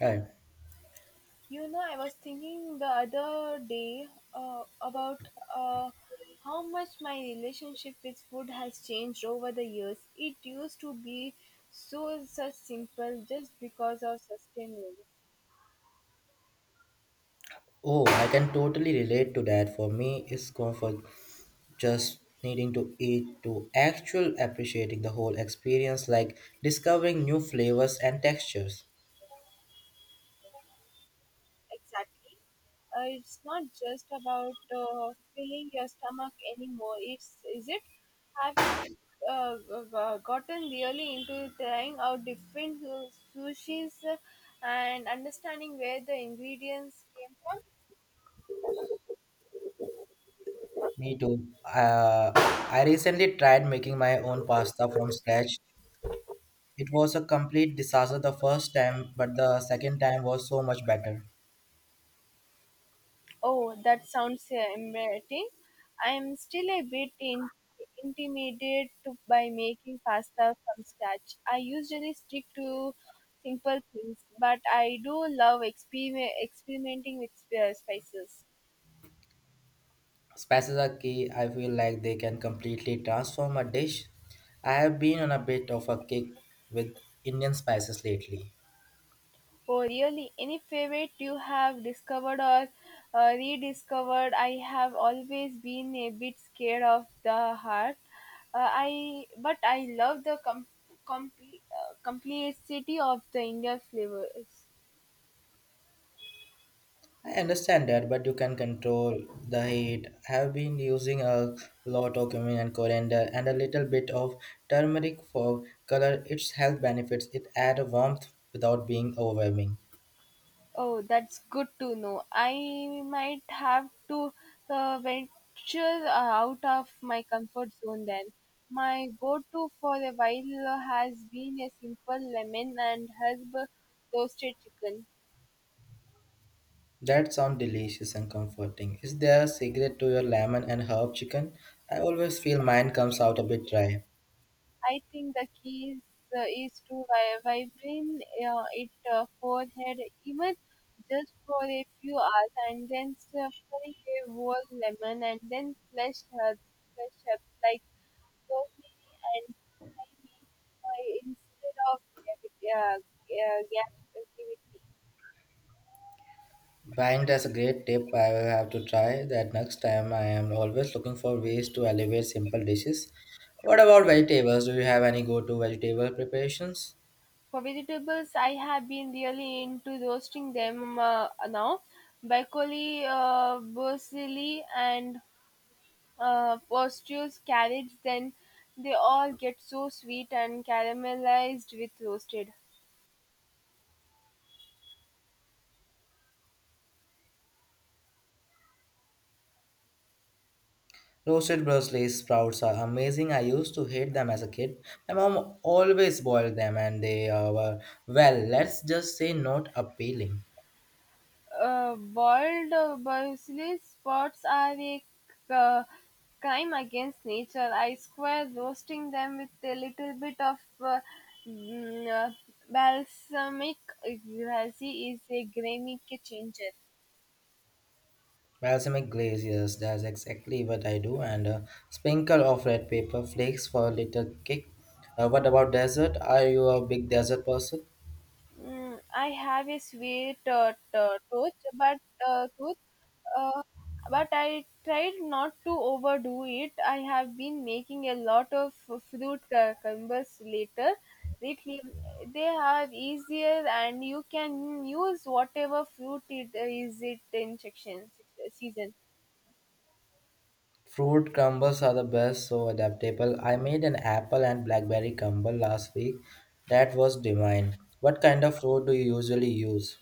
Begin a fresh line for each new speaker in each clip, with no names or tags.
Right.
You know, I was thinking the other day about uh, how much my relationship with food has changed over the years. It used to be so such simple just because of sustenance.
Oh, I can totally relate to that. For me, it's gone for just needing to eat to actual appreciating the whole experience, like discovering new flavors and textures.
Exactly. It's not just about filling your stomach anymore. It's is it? Have you uh, gotten really into trying out different sushis and understanding where the ingredients came from?
Me too. I recently tried making my own pasta from scratch. It was a complete disaster the first time, but the second time was so much better.
Oh, that sounds embarrassing. I am still a bit intimidated by making pasta from scratch. I usually stick to simple things, but I do love experimenting with spices.
Spices are key. I feel like they can completely transform a dish. I have been on a bit of a kick with Indian spices lately.
Oh, really? Any favorite you have discovered or rediscovered? I have always been a bit scared of the heart. I but I love the complexity of the Indian flavors.
I understand that, but you can control the heat. I have been using a lot of cumin and coriander and a little bit of turmeric for color. Its health benefits it add a warmth without being overwhelming.
Oh, that's good to know. I might have to venture out of my comfort zone then. My go-to for a while has been a simple lemon and herb toasted chicken.
That sounds delicious and comforting. Is there a secret to your lemon and herb chicken? I always feel mine comes out a bit dry.
I think the key is to vibrate it forehead even just for a few hours and then sprinkle a whole lemon and then flush her flush up like slowly and tiny instead of gravity, gravity.
Buying that's a great tip. I will have to try that next time. I am always looking for ways to elevate simple dishes. What about vegetables? Do you have any go-to vegetable preparations?
For vegetables, I have been really into roasting them now. Broccoli, parsley, and Posture's carrots. Then they all get so sweet and caramelized with roasted.
Roasted Brussels sprouts are amazing. I used to hate them as a kid. My mom always boiled them, and they were well. Let's just say not appealing.
Boiled parsley spots are a uh, crime against nature. I swear roasting them with a little bit of uh, mm, uh, balsamic glaze is a game changer.
Balsamic glaze, yes, that's exactly what I do, and a sprinkle of red pepper flakes for a little kick. What about dessert? Are you a big dessert person?
I have a sweet tooth, but uh, tooth, Uh, but I tried not to overdo it. I have been making a lot of fruit cucumbers later. Lately, they are easier, and you can use whatever fruit it is it in section season.
Fruit crumbles are the best, so adaptable. I made an apple and blackberry crumble last week. That was divine. What kind of fruit do you usually use?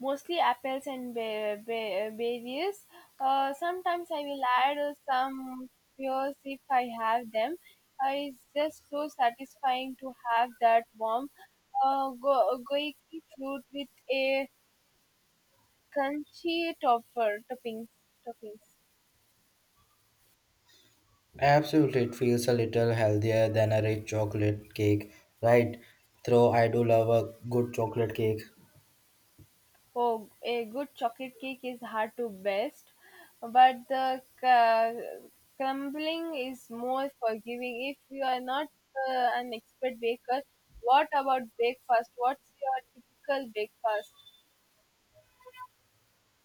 Mostly apples and berries. Sometimes I will add some pears if I have them. It's just so satisfying to have that warm goiki fruit with a crunchy topper topping toppings.
Absolutely, it feels a little healthier than a rich chocolate cake, right? Though I do love a good chocolate cake.
Oh, a good chocolate cake is hard to best, but the crumbling is more forgiving if you are not an expert baker. What about breakfast? What's your typical breakfast?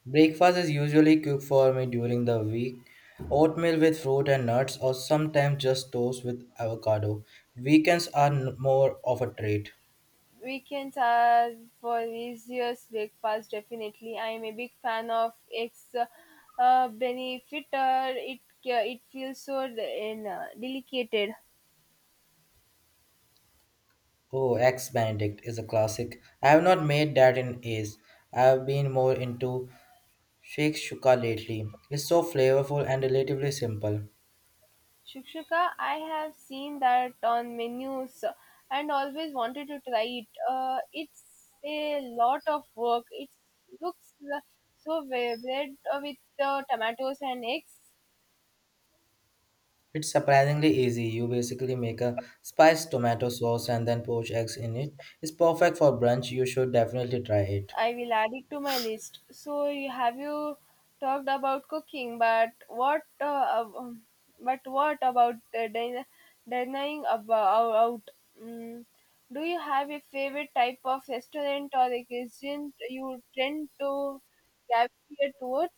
Breakfast is usually cooked for me during the week. Oatmeal with fruit and nuts, or sometimes just toast with avocado. Weekends are more of a treat.
Weekends are for easiest breakfast, definitely. I am a big fan of eggs benefiter. It feels so delicate.
Oh, Eggs Benedict is a classic. I have not made that in ages. I have been more into shakshuka lately. It's so flavorful and relatively simple.
Shukshuka, I have seen that on menus and always wanted to try it. It's a lot of work. It looks so wa- bread with tomatoes and eggs.
It's surprisingly easy. You basically make a spiced tomato sauce and then poach eggs in it. It's perfect for brunch. You should definitely try it.
I will add it to my list. So have you talked about cooking, but what about dining about out? Mm, do you have a favorite type of restaurant or a cuisine you tend to gravitate towards?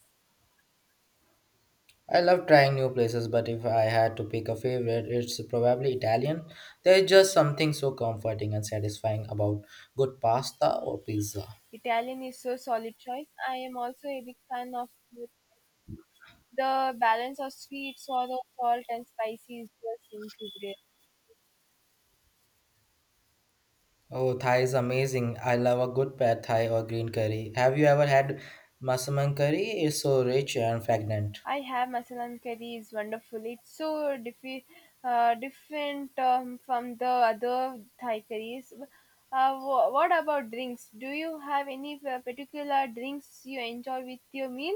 I love trying new places, but if I had to pick a favorite, it's probably Italian. There is just something so comforting and satisfying about good pasta or pizza.
Italian is so solid choice. I am also a big fan of the balance of sweet, sour, salt, and spicy is just incredible.
Oh, Thai is amazing. I love a good pad Thai or green curry. Have you ever had massaman curry? It's so rich and fragrant.
I have Masalan curry is wonderful. It's so different from the other Thai curries. What about drinks? Do you have any particular drinks you enjoy with your meal?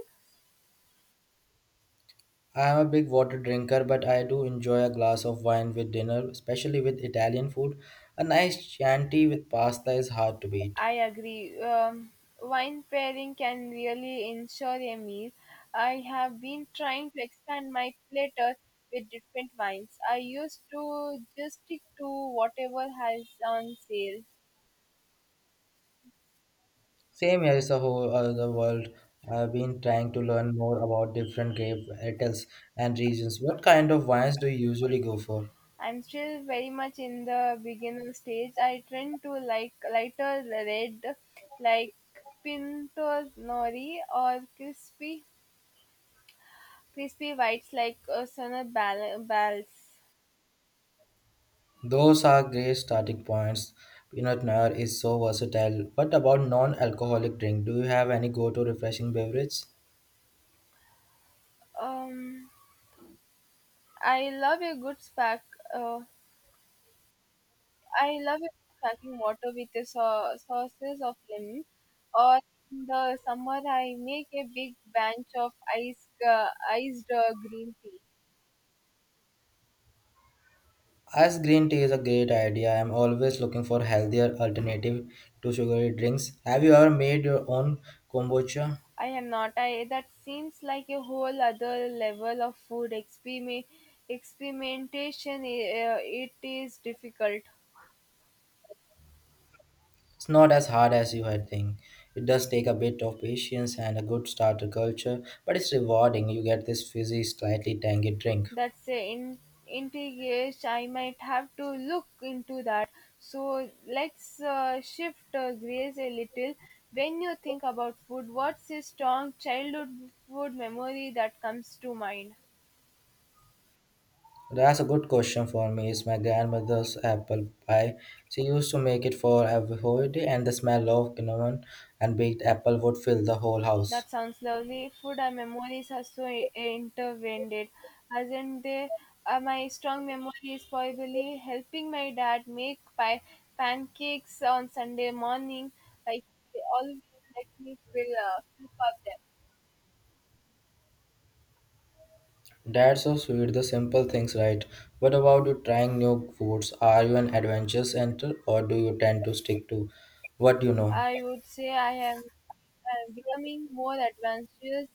I am a big water drinker, but I do enjoy a glass of wine with dinner, especially with Italian food. A nice chianti with pasta is hard to beat.
I agree. Wine pairing can really ensure a meal. I have been trying to expand my platter with different wines. I used to just stick to whatever has on sale.
Same here, here is a whole other world. I've been trying to learn more about different grape varietals and regions. What kind of wines do you usually go for?
I'm still very much in the beginner stage. I tend to like lighter red, like Pinto Nori or crispy whites like Osana Balls.
Those are great starting points. Peanut butter is so versatile. What about non-alcoholic drink? Do you have any go-to refreshing beverage?
Um, I love a good spark. Uh, I love a good sparkling water with the sauces of lemon. Or in the summer, I make a big bunch of ice iced green tea.
Ice green tea is a great idea. I am always looking for healthier alternative to sugary drinks. Have you ever made your own kombucha?
I am not. I that seems like a whole other level of food experimentation. It is difficult.
It's not as hard as you had think. It does take a bit of patience and a good starter culture, but it's rewarding. You get this fizzy, slightly tangy drink.
That's a in integration. I might have to look into that. So let's shift gears a little. When you think about food, what's a strong childhood food memory that comes to mind?
That's a good question for me. It's my grandmother's apple pie. She used to make it for every holiday, and the smell of cinnamon and baked apple would fill the whole house.
That sounds lovely. Food and memories are so intertwined, isn't they? My strong memory is probably helping my dad make pie, pancakes on Sunday morning. Like they always let me fill, fill up them.
That's so sweet, the simple things, right? What about you trying new foods? Are you an adventurous center or do you tend to stick to what you know?
I would say I am becoming more adventurous.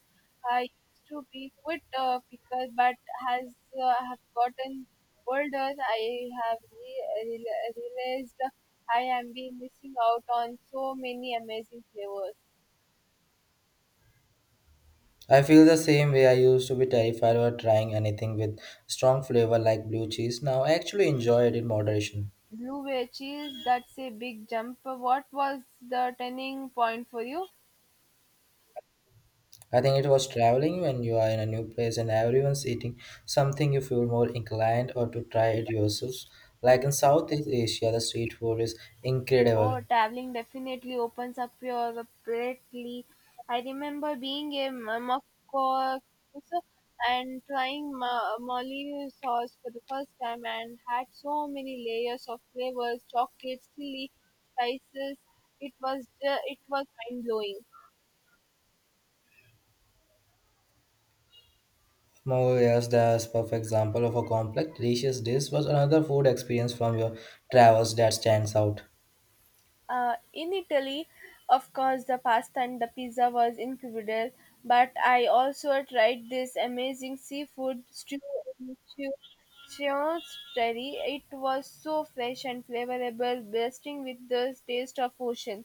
I used to be quite a picker, but as I have gotten older, I have realized I am been missing out on so many amazing flavors.
I feel the same way. I used to be terrified of trying anything with strong flavor like blue cheese. Now I actually enjoy it in moderation.
Blue whale cheese, that's a big jump. What was the turning point for you?
I think it was traveling when you are in a new place and everyone's eating something you feel more inclined or to try it yourselves. Like in Southeast Asia, the street food is
Oh,
incredible.
traveling definitely opens up your palate. I remember being in Morocco and trying Mali sauce for the first time and had so many layers of flavors, chocolate, chili, spices. It was mind blowing.
Movies, the perfect example of a complex, delicious dish was another food experience from your travels that stands out.
In Italy, of course, the pasta and the pizza was incredible, but I also tried this amazing seafood stew in Chiostrelli. It was so fresh and flavorable, bursting with the taste of ocean.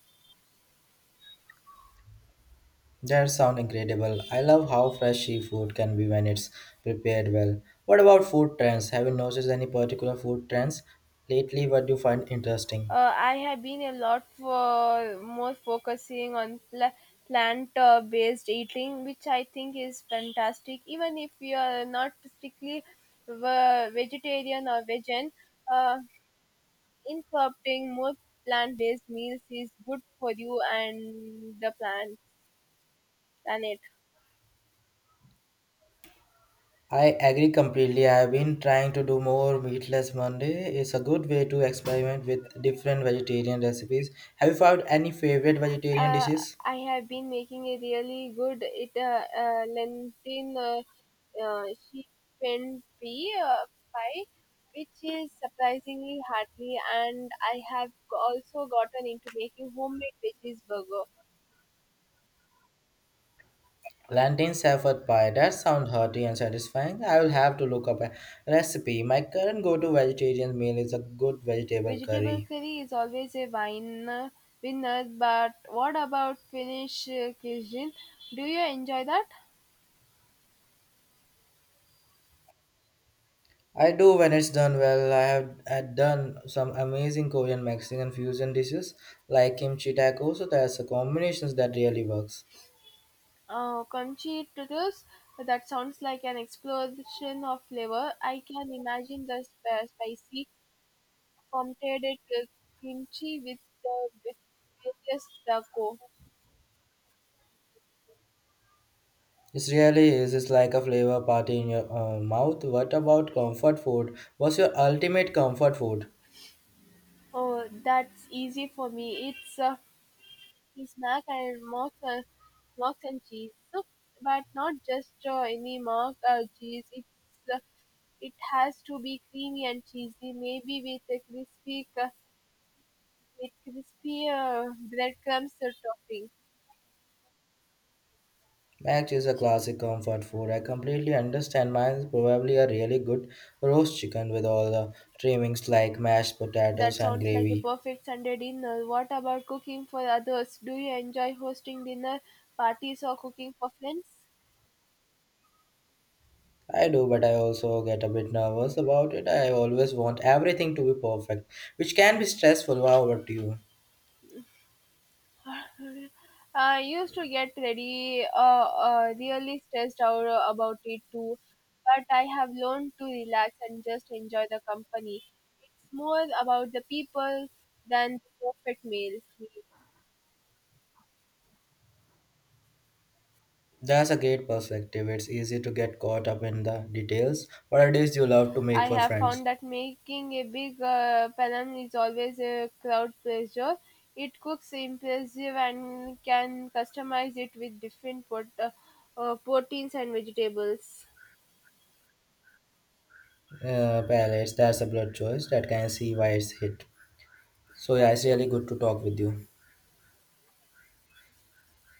That sound incredible. I love how fresh seafood can be when it's prepared well. What about food trends? Have you noticed any particular food trends lately? What do you find interesting?
I have been a lot for more focusing on plant-based eating, which I think is fantastic. Even if you are not strictly vegetarian or vegan, uh, incorporating more plant-based meals is good for you and the plant planet.
I agree completely. I've been trying to do more meatless Monday. It's a good way to experiment with different vegetarian recipes. Have you found any favorite vegetarian
Uh,
dishes?
I have been making a really good it lentil uh, uh, sheep pen pea pie, which is surprisingly hearty, and I have also gotten into making homemade veggies burger.
Plantain safford pie. That sounds hearty and satisfying. I will have to look up a recipe. My current go-to vegetarian meal is a good vegetable
Vegetable
curry.
curry is always a wine winner, but what about Finnish cuisine? Do you enjoy that?
I do when it's done well. I have had done some amazing Korean Mexican fusion dishes like kimchi tacos. So that's a combinations that really works.
Conchitos, that sounds like an explosion of flavor. I can imagine the spicy, fermented kimchi with the with various taco.
It really is. It's like a flavor party in your mouth. What about comfort food? What's your ultimate comfort food?
Oh, that's easy for me. It's a snack and mock, mock and cheese soup, but not just any mock or cheese. Uh, it has to be creamy and cheesy, maybe with a crispy breadcrumbs or topping.
Mac is a classic comfort food. I completely understand. Mine is probably a really good roast chicken with all the trimmings like mashed
That
potatoes and
sounds like a
gravy.
perfect Sunday dinner. What about cooking for others? Do you enjoy hosting dinner parties or cooking for friends?
I do, but I also get a bit nervous about it. I always want everything to be perfect, which can be stressful. How about you?
I used to get really stressed out about it too, but I have learned to relax and just enjoy the company. It's more about the people than the perfect meal.
That's a great perspective. It's easy to get caught up in the details. What it is you love to
I
make for
have
friends?
found that making a big palam is always a crowd pleaser. It cooks impressive and can customize it with different proteins and vegetables.
Palace, that's a blood choice that can see why it's hit. So yeah, it's
Thank you.
really good to talk with you.